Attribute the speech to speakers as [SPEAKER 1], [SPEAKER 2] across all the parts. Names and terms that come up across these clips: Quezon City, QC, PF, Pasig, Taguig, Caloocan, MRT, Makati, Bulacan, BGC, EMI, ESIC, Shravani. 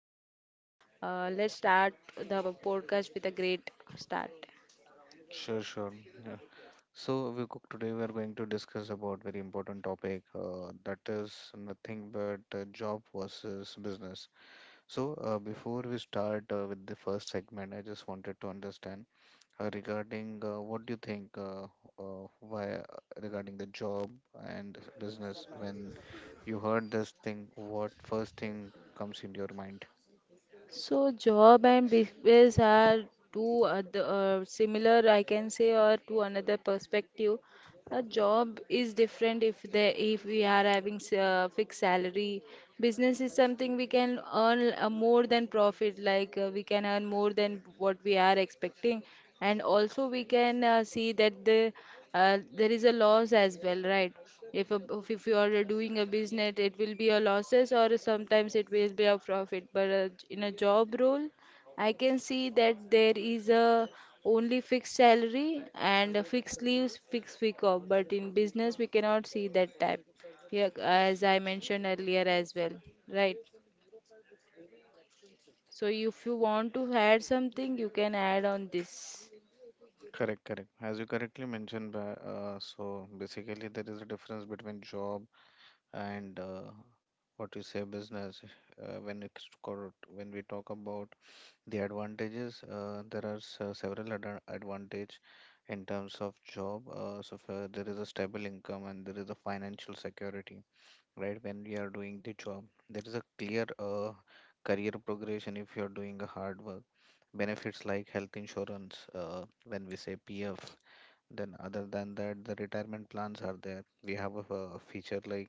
[SPEAKER 1] with you. Let's start the podcast with a great start.
[SPEAKER 2] Sure, sure. Yeah. We cook today we are going to discuss about very important topic that is nothing but job versus business. So, before we start with the first segment, I just wanted to understand regarding what do you think why regarding the job and business when you heard this thing, what first thing comes into your mind?
[SPEAKER 1] So, job and business are two other, similar, I can say, or to another perspective. A job is different if we are having fixed salary. Business is something we can earn more than profit, like we can earn more than what we are expecting, and also we can see that there is a loss as well, right? If you are doing a business, it will be a losses or sometimes it will be a profit. But in a job role, I can see that there is a only fixed salary and a fixed leaves, fixed week off. But in business, we cannot see that type. Yeah, as I mentioned earlier as well, right? So if you want to add something, you can add on this.
[SPEAKER 2] Correct, correct. As you correctly mentioned, so basically there is a difference between job and what you say business. When we talk about the advantages, there are several advantage in terms of job. So far there is a stable income and there is a financial security, right? When we are doing the job, there is a clear career progression if you're doing a hard work. Benefits like health insurance, when we say PF, then other than that, the retirement plans are there. We have a feature like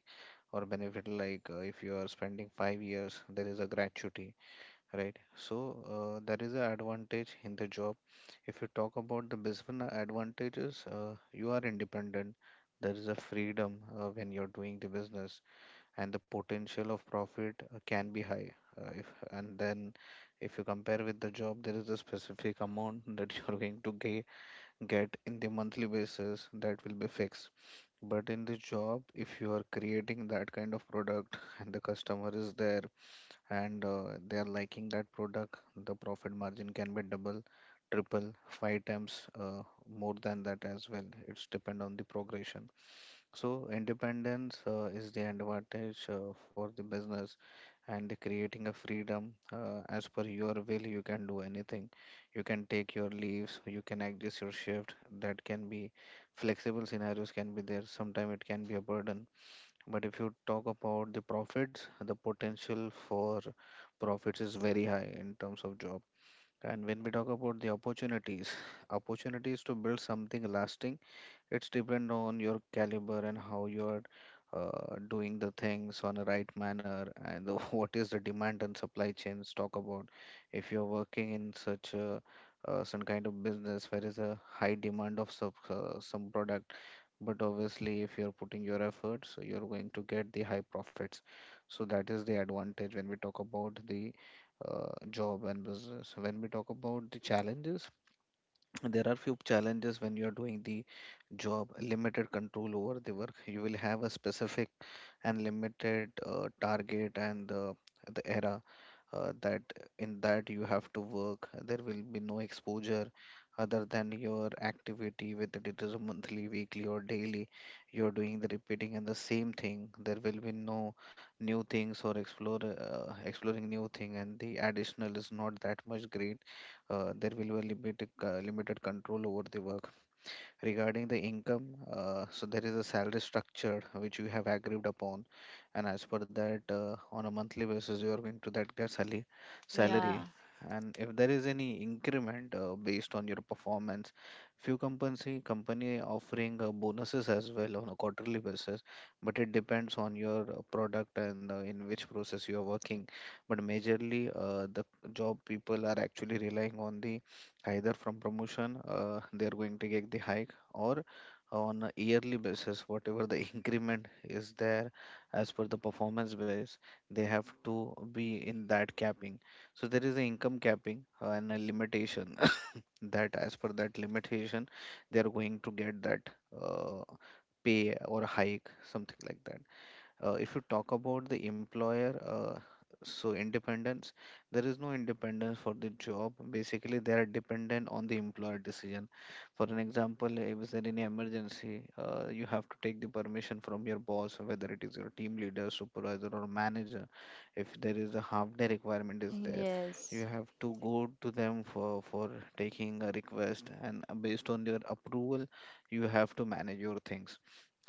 [SPEAKER 2] or benefit like if you are spending 5 years, there is a gratuity, right? So that is the advantage in the job. If you talk about the business advantages, you are independent, there is a freedom when you're doing the business, and the potential of profit can be high. uh, if and then if you compare with the job, there is a specific amount that you're going to get in the monthly basis, that will be fixed. But in the job, if you are creating that kind of product and the customer is there, and they are liking that product, the profit margin can be double, triple, five times, more than that as well. It's depend on the progression. So independence is the advantage for the business, and the creating a freedom, as per your will you can do anything. You can take your leaves, you can adjust your shift, that can be flexible. Scenarios can be there. Sometimes it can be a burden, but if you talk about the profits, the potential for profits is very high in terms of job. And when we talk about the opportunities, opportunities to build something lasting, it's depend on your caliber and how you're doing the things on a right manner, and the what is the demand and supply chains talk about. If you're working in such a some kind of business where is a high demand of some product, but obviously if you're putting your efforts, so you're going to get the high profits. So that is the advantage when we talk about the job and business. When we talk about the challenges, there are few challenges when you're doing the job. Limited control over the work, you will have a specific and limited target, and the era that in that you have to work. There will be no exposure other than your activity, whether it is a monthly, weekly, or daily. You're doing the repeating and the same thing. There will be no new things or explore exploring new thing, and the additional is not that much great. There will be a limited control over the work. Regarding the income, so there is a salary structure which you have agreed upon, and as per that, on a monthly basis, you are going to that get salary,
[SPEAKER 1] Yeah.
[SPEAKER 2] salary. And if there is any increment based on your performance, few company offering bonuses as well on a quarterly basis, but it depends on your product and in which process you are working. But majorly, the job people are actually relying on the either from promotion, they are going to get the hike, or on a yearly basis, whatever the increment is there as per the performance base, they have to be in that capping. So there is an income capping and a limitation that as per that limitation, they are going to get that uh, pay or hike, something like that. If you talk about the employer, so independence, there is no independence for the job. Basically, they are dependent on the employer decision. For an example, if there any emergency, you have to take the permission from your boss, whether it is your team leader, supervisor, or manager. If there is a half day requirement is there,
[SPEAKER 1] Yes.
[SPEAKER 2] you have to go to them for taking a request, and based on their approval, you have to manage your things.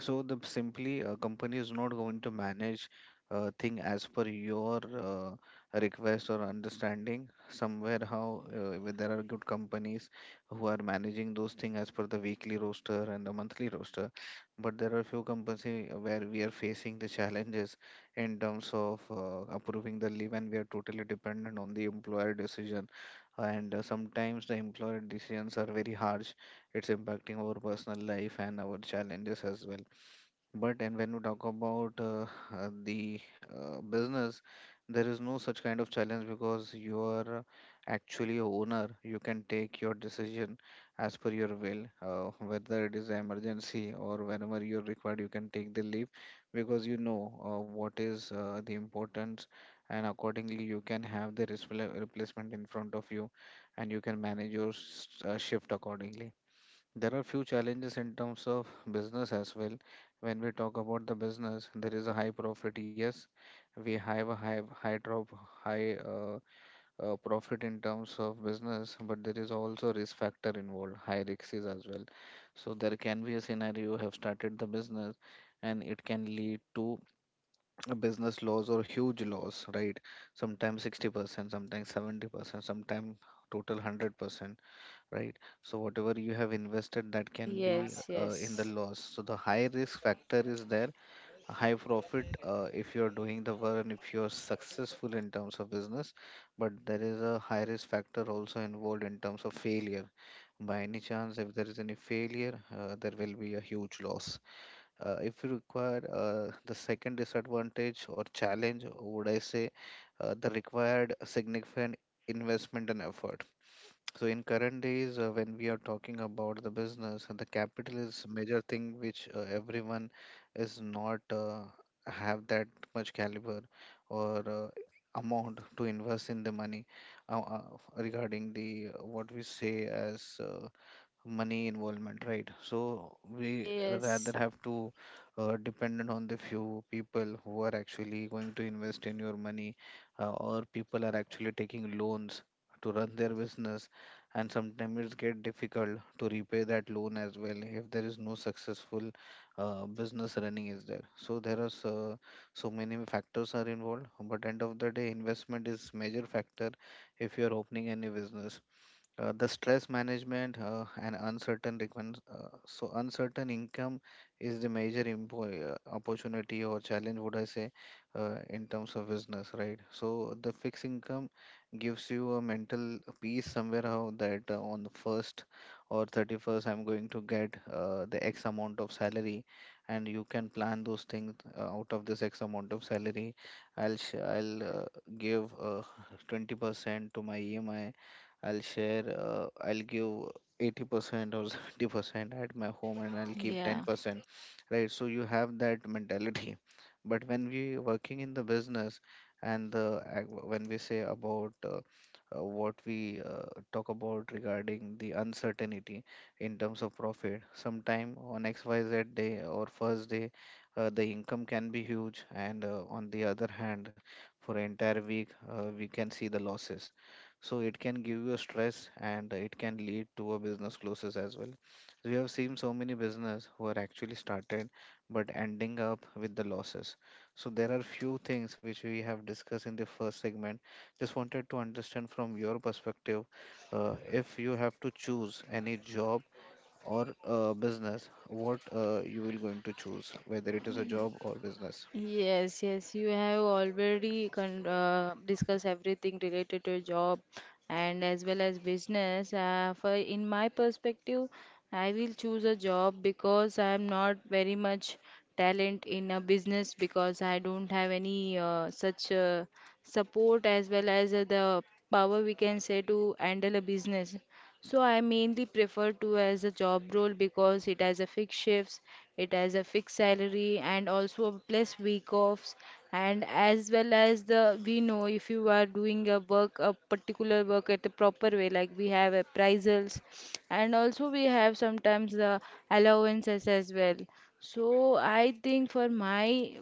[SPEAKER 2] So the simply a company is not going to manage thing as per your request or understanding. Somewhere how where there are good companies who are managing those things as per the weekly roster and the monthly roster, but there are few companies where we are facing the challenges in terms of approving the leave, and we are totally dependent on the employer decision. And sometimes the employer decisions are very harsh. It's impacting our personal life and our challenges as well. But and When we talk about the business, there is no such kind of challenge because you are actually a owner. You can take your decision as per your will, whether it is an emergency or whenever you're required, you can take the leave because you know what is the importance, and accordingly you can have the replacement in front of you, and you can manage your shift accordingly. There are few challenges in terms of business as well. When we talk about the business, there is a high profit. Yes, we have a high drop, high profit in terms of business, but there is also risk factor involved, high risks is as well. So there can be a scenario you have started the business, and it can lead to a business loss or huge loss, right? Sometimes 60%, sometimes 70%, sometimes total 100%, right? So whatever you have invested, that can be
[SPEAKER 1] Yes.
[SPEAKER 2] in the
[SPEAKER 1] Yes.
[SPEAKER 2] loss. So the high risk factor is there, a high profit if you're doing the work and if you're successful in terms of business, but there is a high risk factor also involved in terms of failure. By any chance, if there is any failure, there will be a huge loss. If you require the second disadvantage or challenge, would I say, the required significant investment and effort. So in current days, when we are talking about the business, the capital is major thing which everyone is not have that much caliber or amount to invest in the money, uh, uh, regarding the what we say as money involvement, right? So we rather
[SPEAKER 1] Yes.
[SPEAKER 2] have to dependent on the few people who are actually going to invest in your money, or people are actually taking loans to run their business, and sometimes it's get difficult to repay that loan as well if there is no successful business running is there. So there are so many factors are involved, but end of the day investment is major factor if you are opening any business. The stress management and uncertain requirements. So uncertain income is the major opportunity or challenge, would I say, in terms of business, right? So the fixed income gives you a mental peace somewhere how that on the first or 31st I'm going to get the X amount of salary, and you can plan those things out of this X amount of salary. I'll give 20% to my EMI. I'll share, I'll give 80% or 70% at my home and I'll keep
[SPEAKER 1] Yeah.
[SPEAKER 2] 10%, right? So you have that mentality. But when we working in the business and when we say about what we talk about regarding the uncertainty in terms of profit, sometime on XYZ day or first day, the income can be huge, and on the other hand, for entire week, we can see the losses. So it can give you a stress, and it can lead to a business closes as well. We have seen so many business who are actually started but ending up with the losses. So there are few things which we have discussed in the first segment. Just wanted to understand from your perspective, if you have to choose any job or business, what you will going to choose, whether it is a job or business?
[SPEAKER 1] Yes, yes, you have already con discussed everything related to job and as well as business. For in my perspective, I will choose a job because I am not very much talent in a business because I don't have any such support as well as the power we can say to handle a business. So I mainly prefer to as a job role because it has a fixed shifts, it has a fixed salary and also a plus week offs and as well as the we know if you are doing a work a particular work at a proper way like we have appraisals and also we have sometimes the allowances as well. So I think for my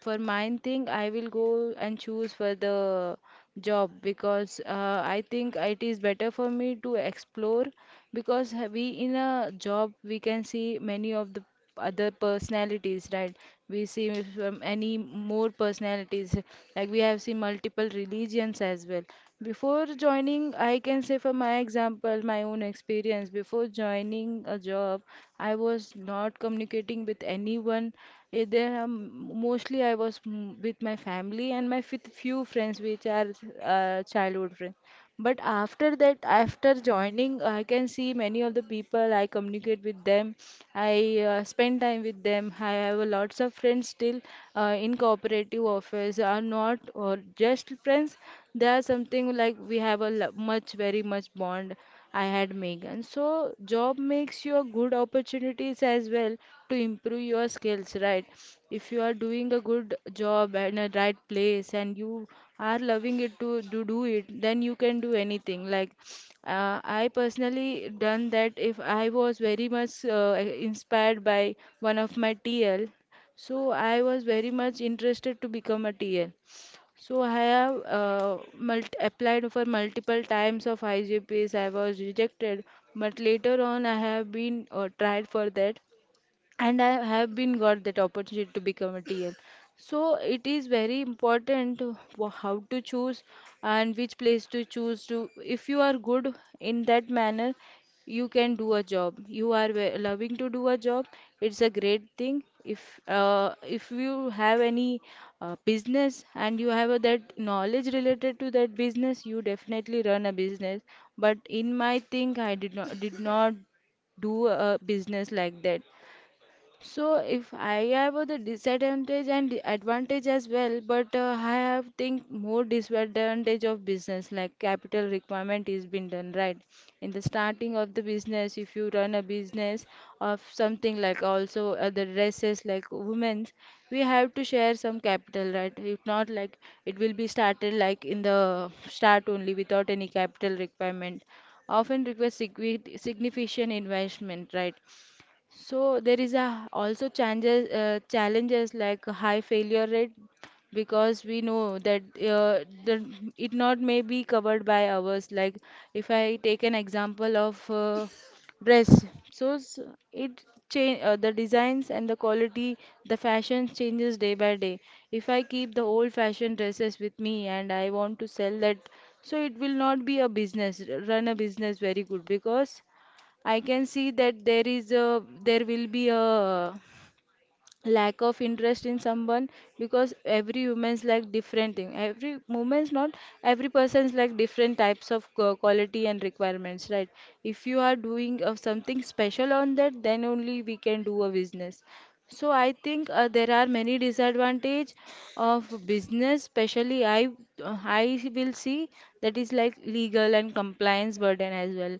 [SPEAKER 1] for mine thing, I will go and choose for the job because I think it is better for me to explore because we in a job we can see many of the other personalities, right? We see if, any more personalities like we have seen multiple religions as well. Before joining, I can say for my example, my own experience, before joining a job, I was not communicating with anyone. There, mostly I was with my family and my few friends, which are childhood friends. But after that, after joining, I can see many of the people. I communicate with them. I spend time with them. I have a lots of friends still in cooperative office. Are not or just friends. They are something like we have a much very much bond. I had Megan. So job makes you a good opportunities as well to improve your skills, right? If you are doing a good job in a right place and you are loving it to do it, then you can do anything. Like I personally done that if I was very much inspired by one of my TL. So I was very much interested to become a TL. So I have applied for multiple times of IGPs. I was rejected, but later on I have been tried for that and I have been got that opportunity to become a TM. So it is very important to how to choose and which place to choose to. If you are good in that manner, you can do a job. You are loving to do a job. It's a great thing. If you have any business and you have that knowledge related to that business, you definitely run a business. But in my thing, I did not do a business like that. So if I have the disadvantage and the advantage as well, but I have think more disadvantage of business like capital requirement is been done right in the starting of the business. If you run a business of something like also other dresses like women's, we have to share some capital right. If not like it will be started like in the start only without any capital requirement. Often requires significant investment right so there is a also changes challenges like high failure rate because we know that the, it not may be covered by ours. Like if I take an example of dress, so it change the designs and the quality, the fashion changes day by day. If I keep the old fashioned dresses with me and I want to sell that, so it will not be a business, run a business very good because I can see that there will be a lack of interest in someone because every woman's like different thing. Every woman's not every person's like different types of quality and requirements, right? If you are doing of something special on that, then only we can do a business. So I think there are many disadvantage of business, especially I will see that is like legal and compliance burden as well.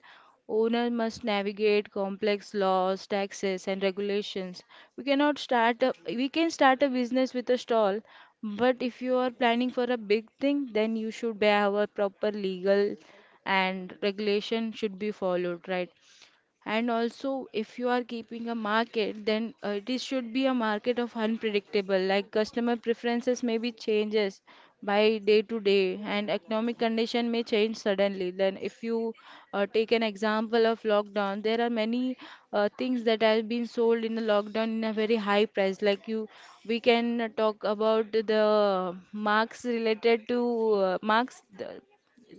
[SPEAKER 1] Owner must navigate complex laws, taxes, and regulations. We cannot start a, We can start a business with a stall, but if you are planning for a big thing, then you should have a proper legal and regulation should be followed, right? And also if you are keeping a market then it is- should be a market of unpredictable like customer preferences may be changes by day to day and economic condition may change suddenly then if you take an example of lockdown there are many things that have been sold in the lockdown in a very high price like you we can talk about the marks related to marks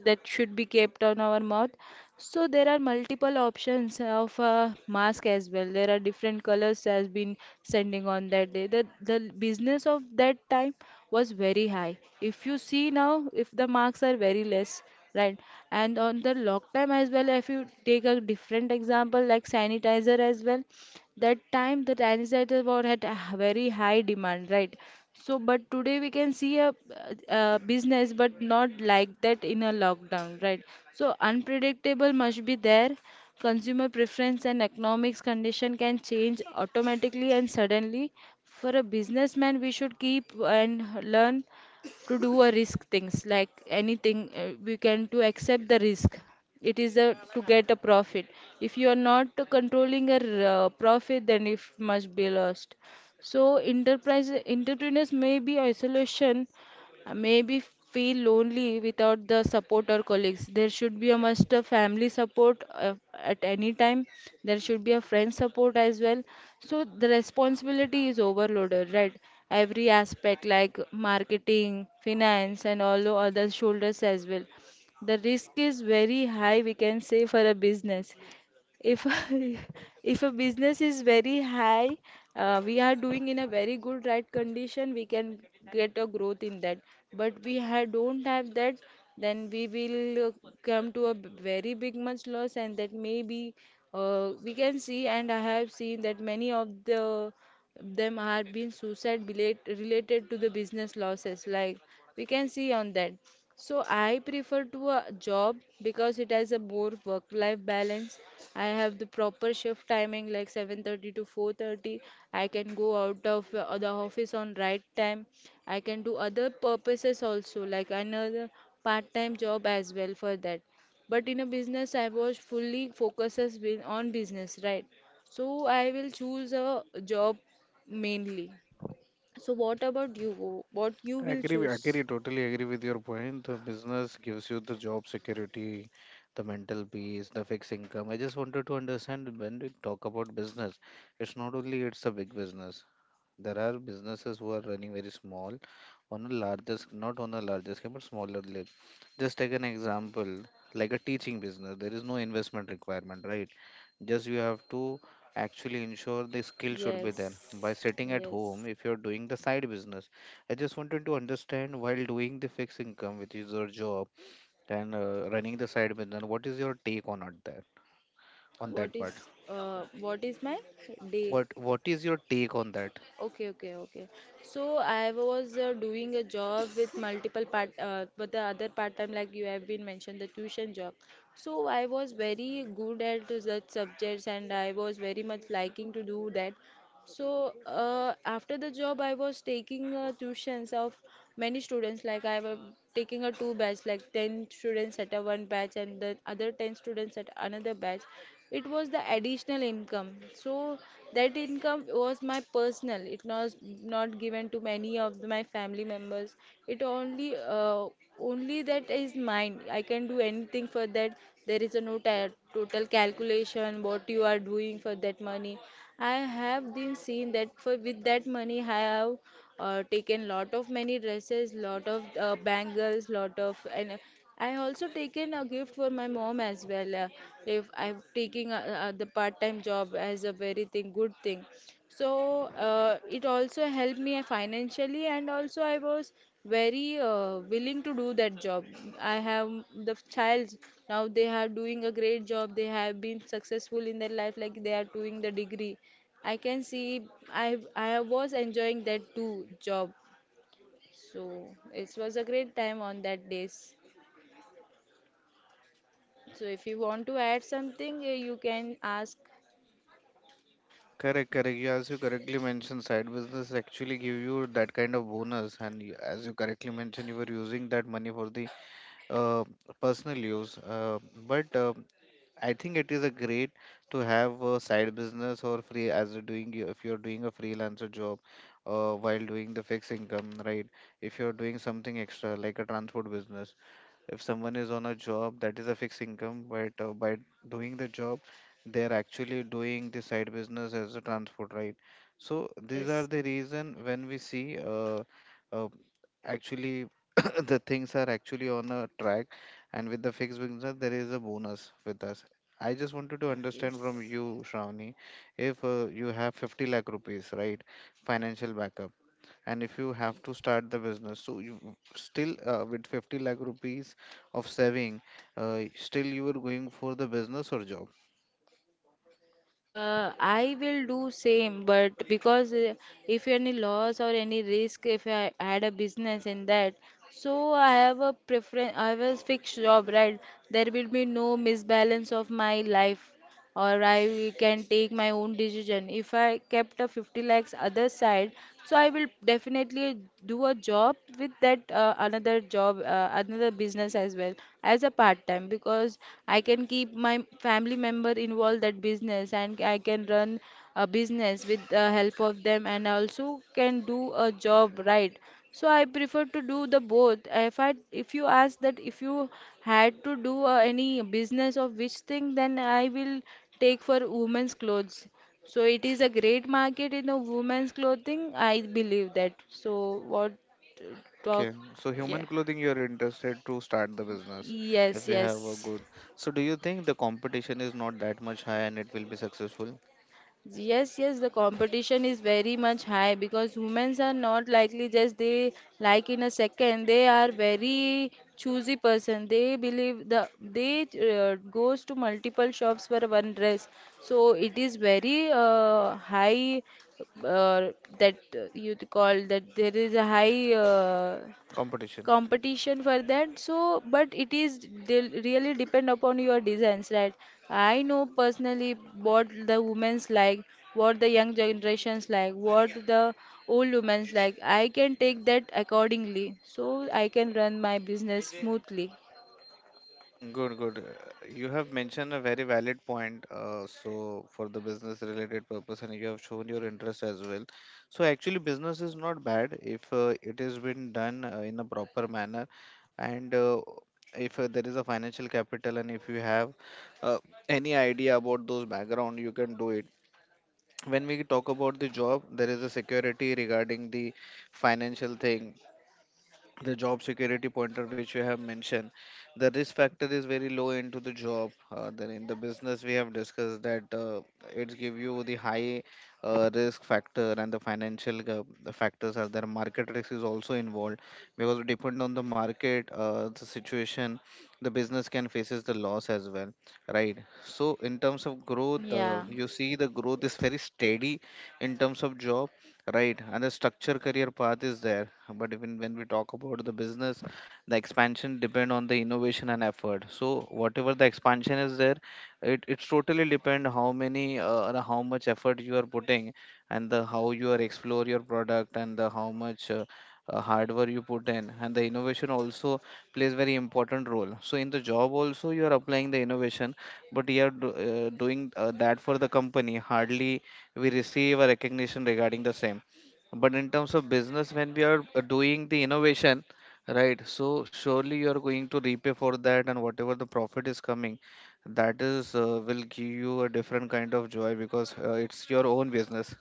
[SPEAKER 1] that should be kept on our mouth. So there are multiple options of mask as well. There are different colors has been sending on that day. The business of that time was very high. If you see now, if the marks are very less, right? And on the lock time as well, if you take a different example like sanitizer as well that time the dinosaur war had a very high demand right so but today we can see a business but not like that in a lockdown right so unpredictable must be there consumer preference and economics condition can change automatically and suddenly for a businessman we should keep and learn to do a risk things like anything we can to accept the risk it is a to get a profit if you are not controlling a profit then it must be lost so enterprise entrepreneurs may be isolation maybe feel lonely without the support or colleagues. There should be a must a family support at any time. There should be a friend support as well. So the responsibility is overloaded, right? Every aspect like marketing, finance, and all the other shoulders as well. The risk is very high, we can say, for a business. If if a business is very high, we are doing in a very good right condition, we can get a growth in that. But we ha don't have that, then we will come to a very big much loss, and that maybe we can see, and I have seen that many of the them are being related to the business losses. Like we can see on that. So I prefer to a job because it has a more work-life balance. I have the proper shift timing like 7:30 to 4:30. I can go out of the office on right time. I can do other purposes also like another part-time job as well for that. But in a business, I was on business, right? So I will choose a job mainly. So what about you? What you
[SPEAKER 2] I
[SPEAKER 1] will
[SPEAKER 2] agree,
[SPEAKER 1] choose?
[SPEAKER 2] agree, totally agree with your point. The business gives you the job security, the mental peace, the fixed income. I just wanted to understand, when we talk about business, it's not only it's a big business. There are businesses who are running very small on a larger, not on a larger scale, but smaller scale. Just take an example, like a teaching business. There is no investment requirement, right? Just you have to actually ensure the skill should be there, by
[SPEAKER 1] Yes,
[SPEAKER 2] sitting at
[SPEAKER 1] yes.
[SPEAKER 2] home if you're doing the side business. I just wanted to understand, while doing the fixed income, which is your job, and running the side business, what is your take on it there, on that part?
[SPEAKER 1] What is my day?
[SPEAKER 2] What is your take on that?
[SPEAKER 1] Okay, okay, okay. So I was doing a job with multiple part but the other part time like you have been mentioned the tuition job. So I was very good at that subjects and I was very much liking to do that. So after the job, I was taking tuitions of many students. Like I was taking a two batch, like 10 students at a one batch and the other 10 students at another batch. It was the additional income. So that income was my personal. It was not given to many of my family members. It only Only that is mine. I can do anything for that. There is a no total calculation what you are doing for that money. I have been seen that for with that money I have taken lot of many dresses, lot of bangles, lot of and I also taken a gift for my mom as well. If I'm taking the part-time job as a very thing good thing, so it also helped me financially, and also I was very willing to do that job. I have the child now. They are doing a great job. They have been successful in their life, like they are doing the degree. I can see was enjoying that too job. So it was a great time on that days. So if you want to add something, you can ask.
[SPEAKER 2] Correct, correct. You, as you correctly mentioned, side business actually give you that kind of bonus, and you, as you correctly mentioned, you were using that money for the uh, personal use. But I think it is a great to have a side business or free as you're doing if you're doing a freelancer job, while doing the fixed income, right? If you're doing something extra like a transport business, if someone is on a job, that is a fixed income, but by doing the job, they are actually doing the side business as a transport, right? So these
[SPEAKER 1] Yes,
[SPEAKER 2] are the reason when we see uh, actually the things are actually on a track, and with the fixed business, there is a bonus with us. I just wanted to understand from
[SPEAKER 1] yes.
[SPEAKER 2] you, Shravani, if you have 50 lakh rupees, right? Financial backup, and if you have to start the business, so you still with 50 lakh rupees of saving, still you are going for the business or job?
[SPEAKER 1] I will do same, but because if any loss or any risk, if I had a business in that, so I have a preference. I have a fixed job, right? There will be no misbalance of my life, or I can take my own decision. If I kept a 50 lakhs other side, so I will definitely do a job with that, another job, another business as well as a part time, because I can keep my family member involved that business, and I can run a business with the help of them, and I also can do a job, right. So I prefer to do the both. If you ask that, if you had to do any business of which thing, then I will take for women's clothes. So it is a great market in the women's clothing. I believe that. So what uh, talk?
[SPEAKER 2] Okay, so human
[SPEAKER 1] Yeah.
[SPEAKER 2] clothing you are interested to start the business. If
[SPEAKER 1] Yes,
[SPEAKER 2] you have a
[SPEAKER 1] yes.
[SPEAKER 2] good, so do you think the competition is not that much high and it will be successful?
[SPEAKER 1] Yes, yes, the competition is very much high, because humans are not likely just they like in a second. They are very choosy person. They believe the they goes to multiple shops for one dress. So it is very high, uh, that you call that there is a high,
[SPEAKER 2] Competition.
[SPEAKER 1] competition for that. So but it is really depend upon your designs, right. I know personally what the women's like, what the young generations like, what the old women's like. I can take that accordingly, so I can run my business smoothly.
[SPEAKER 2] Good, good. You have mentioned a very valid point. So, for the business related purpose, and you have shown your interest as well. So, actually, business is not bad if it has been done in a proper manner, and if there is a financial capital, and if you have uh, any idea about those background, you can do it. When we talk about the job, there is a security regarding the financial thing, the job security pointer which you have mentioned. The risk factor is very low into the job. Then in the business, we have discussed that it give you the high risk factor, and the financial the factors are there. Market risk is also involved, because depend on the market the situation, the business can faces the loss as well, right? So in terms of growth,
[SPEAKER 1] Yeah.
[SPEAKER 2] you see the growth is very steady in terms of job. Right, and the structure career path is there. But even when we talk about the business, the expansion depend on the innovation and effort. So whatever the expansion is there, it's totally depend how many or how much effort you are putting, and the how you are explore your product, and the how much. Hardware you put in, and the innovation also plays very important role. So in the job also you are applying the innovation, but you are doing that for the company. Hardly we receive a recognition regarding the same. But in terms of business, when we are doing the innovation, right? So surely you are going to repay for that, and whatever the profit is coming, that is will give you a different kind of joy, because it's your own business,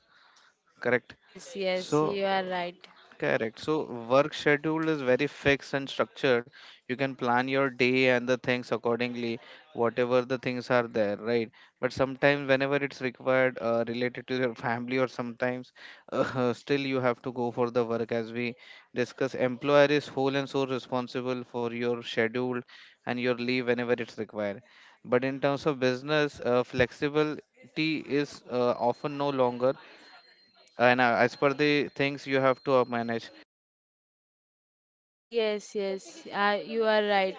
[SPEAKER 2] correct?
[SPEAKER 1] Yes,
[SPEAKER 2] So
[SPEAKER 1] yes, you are right.
[SPEAKER 2] correct. So work schedule is very fixed and structured. You can plan your day and the things accordingly, whatever the things are there, right? But sometimes, whenever it's required, related to your family, or sometimes, still you have to go for the work. As we discuss, employer is whole and sole responsible for your schedule and your leave whenever it's required. But in terms of business, flexibility is often no longer, and as per the things you have to manage.
[SPEAKER 1] Yes, yes, you are right.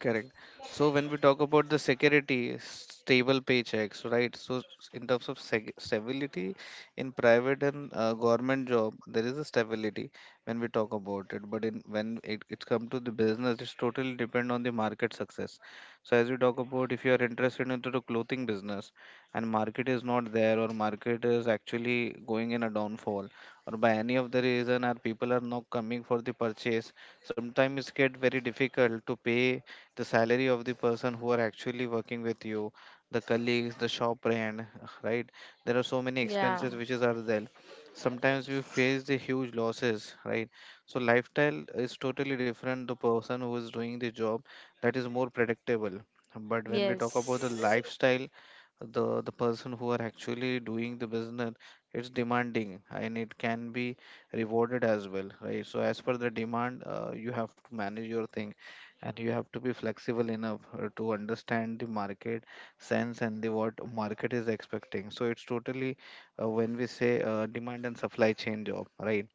[SPEAKER 2] Correct. So when we talk about the security, stable paychecks, right? So in terms of stability in private and government job, there is a stability when we talk about it. But in when it comes to the business, it's totally depend on the market success. So as we talk about, if you are interested into the clothing business, and market is not there, or market is actually going in a downfall, or by any of the reason our people are not coming for the purchase, sometimes it get very difficult to pay the salary of the person who are actually working with you, the colleagues, the shop rent, right? There are so many
[SPEAKER 1] Yeah.
[SPEAKER 2] expenses which is are there, sometimes you face the huge losses, right? So lifestyle is totally different. The person who is doing the job, that is more predictable. But when we talk about the
[SPEAKER 1] Yes,
[SPEAKER 2] lifestyle, the person who are actually doing the business, it's demanding and it can be rewarded as well, right? So as per the demand, you have to manage your thing, and you have to be flexible enough to understand the market sense and the what market is expecting. So it's totally when we say demand and supply chain job, right?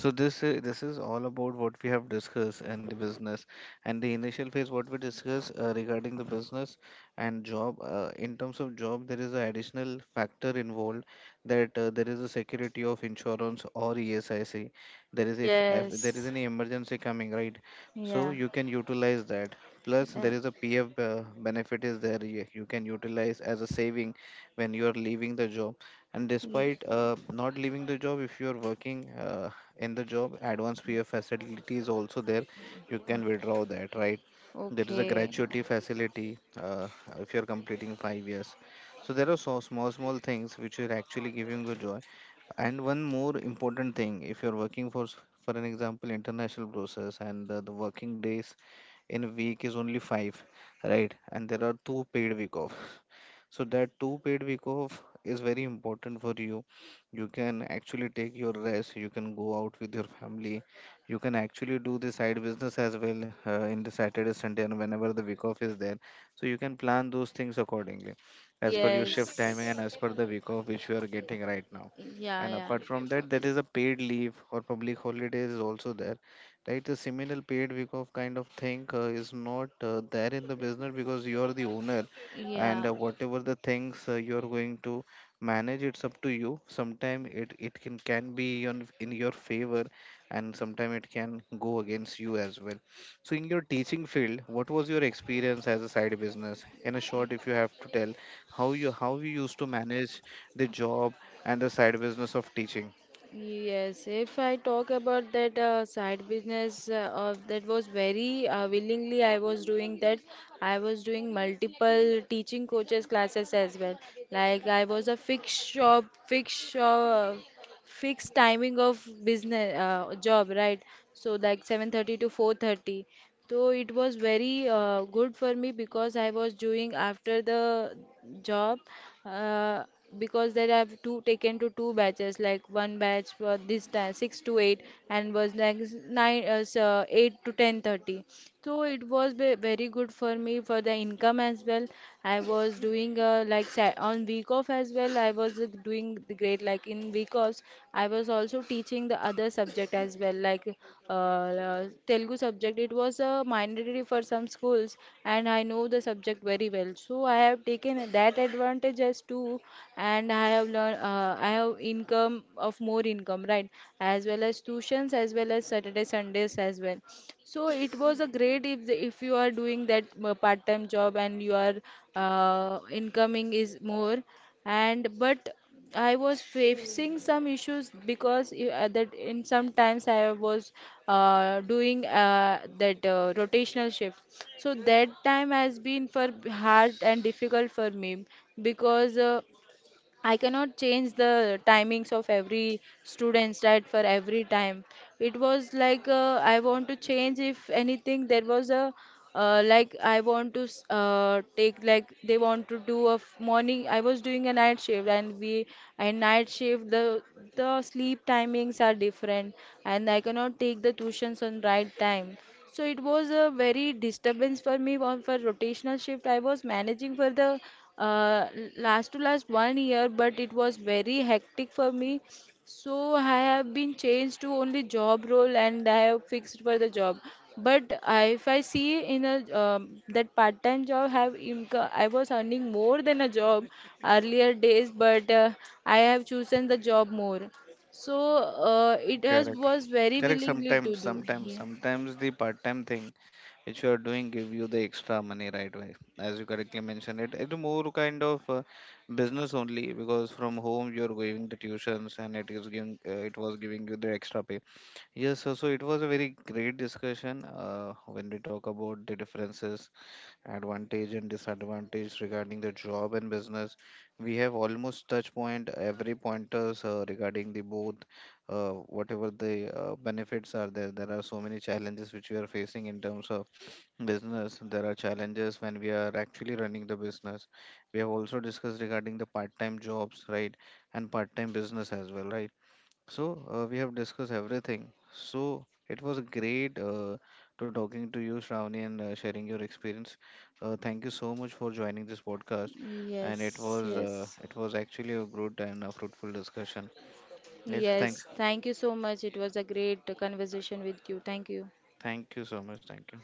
[SPEAKER 2] So this is all about what we have discussed, and the business and the initial phase what we discussed regarding the business and job. In terms of job, there is an additional factor involved, that there is a security of insurance or ESIC. There is, if there is
[SPEAKER 1] yes.
[SPEAKER 2] any emergency coming, right? So
[SPEAKER 1] Yeah.
[SPEAKER 2] you can utilize that. Plus,
[SPEAKER 1] Uh,
[SPEAKER 2] there is a PF benefit is there, you can utilize as a saving when you are leaving the job. And despite not leaving the job, if you are working. In the job, advanced PF facility is also there, you can withdraw that, right? There is a
[SPEAKER 1] okay.
[SPEAKER 2] gratuity facility if you're completing 5 years. So there are so small things which are actually giving you joy. And one more important thing, if you're working for for an example international process, and the working days in a week is only 5, right? And there are two paid week off, so that two paid week off is very important for you. You can actually take your rest, you can go out with your family, you can actually do the side business as well, in the Saturday Sunday and whenever the week off is there. So you can plan those things accordingly, as per your shift timing
[SPEAKER 1] Yes.
[SPEAKER 2] and as per the week off which you are getting right now.
[SPEAKER 1] Yeah,
[SPEAKER 2] And
[SPEAKER 1] yeah.
[SPEAKER 2] apart from that, there is a paid leave or public holidays is also there, right? The similar paid week off kind of thing is not there in the business, because you are the owner, and
[SPEAKER 1] Yeah.
[SPEAKER 2] whatever the things you are going to manage, it's up to you. Sometime it can be on, in your favor, and sometime it can go against you as well. So in your teaching field, what was your experience as a side business, in a short if you have to tell, how you used to manage the job and the side business of teaching?
[SPEAKER 1] Yes. If I talk about that side business, of that was very willingly I was doing that. I was doing multiple teaching coaches classes as well. Like I was a fixed shop, fixed timing of business, job, right? So like 7:30 to 4:30. So it was very good for me, because I was doing after the job, uh, because there I have two taken to two batches, like one batch for this time 6 to 8, and was like 8 to 10:30. So it was very good for me for the income as well. I was doing, on week off as well. I was doing the great, like in, because I was also teaching the other subject as well, like uh, Telugu subject. It was a mandatory for some schools, and I know the subject very well, so I have taken that advantage as too. And I have learned, I have income of more income, right, as well as tuitions, as well as Saturday Sundays as well. So it was a great, if you are doing that part-time job, and your incoming is more. And but I was facing some issues, because that in sometimes I was doing that rotational shift. So that time has been for hard and difficult for me, because I cannot change the timings of every students, right, for every time. It was like, I want to change if anything. There was a, like I want to s- take like they want to do a morning. I was doing a night shift, and we, and night shift, the sleep timings are different, and I cannot take the tuitions on right time. So it was a very disturbance for me on for rotational shift. I was managing for the uh, last to last 1 year, but it was very hectic for me. So I have been changed to only job role, and I have fixed for the job. But I, if I see in a that part-time job have income, I was earning more than a job earlier days, but I have chosen the job more. So it has
[SPEAKER 2] Correct.
[SPEAKER 1] was very
[SPEAKER 2] Correct.
[SPEAKER 1] willingly to do. Yeah.
[SPEAKER 2] Sometimes the part-time thing which you are doing give you the extra money right away. As you correctly mentioned, it, it's more kind of business only, because from home you are giving the tuitions, and it is giving it was giving you the extra pay. Yes, so it was a very great discussion when we talk about the differences, advantage and disadvantage regarding the job and business. We have almost touch point every pointers regarding the both. uh, Whatever the benefits are there, there are so many challenges which we are facing in terms of business. There are challenges when we are actually running the business. We have also discussed regarding the part time jobs, right? And part time business as well, right? So we have discussed everything. So it was great to talking to you, Shravani, and sharing your experience. Thank you so much for joining this podcast, and
[SPEAKER 1] Yes, yes.
[SPEAKER 2] it was actually a good and a fruitful discussion. Yes, thanks.
[SPEAKER 1] Yes, thank you so much. It was a great conversation with you. Thank you.
[SPEAKER 2] Thank you so much. Thank you.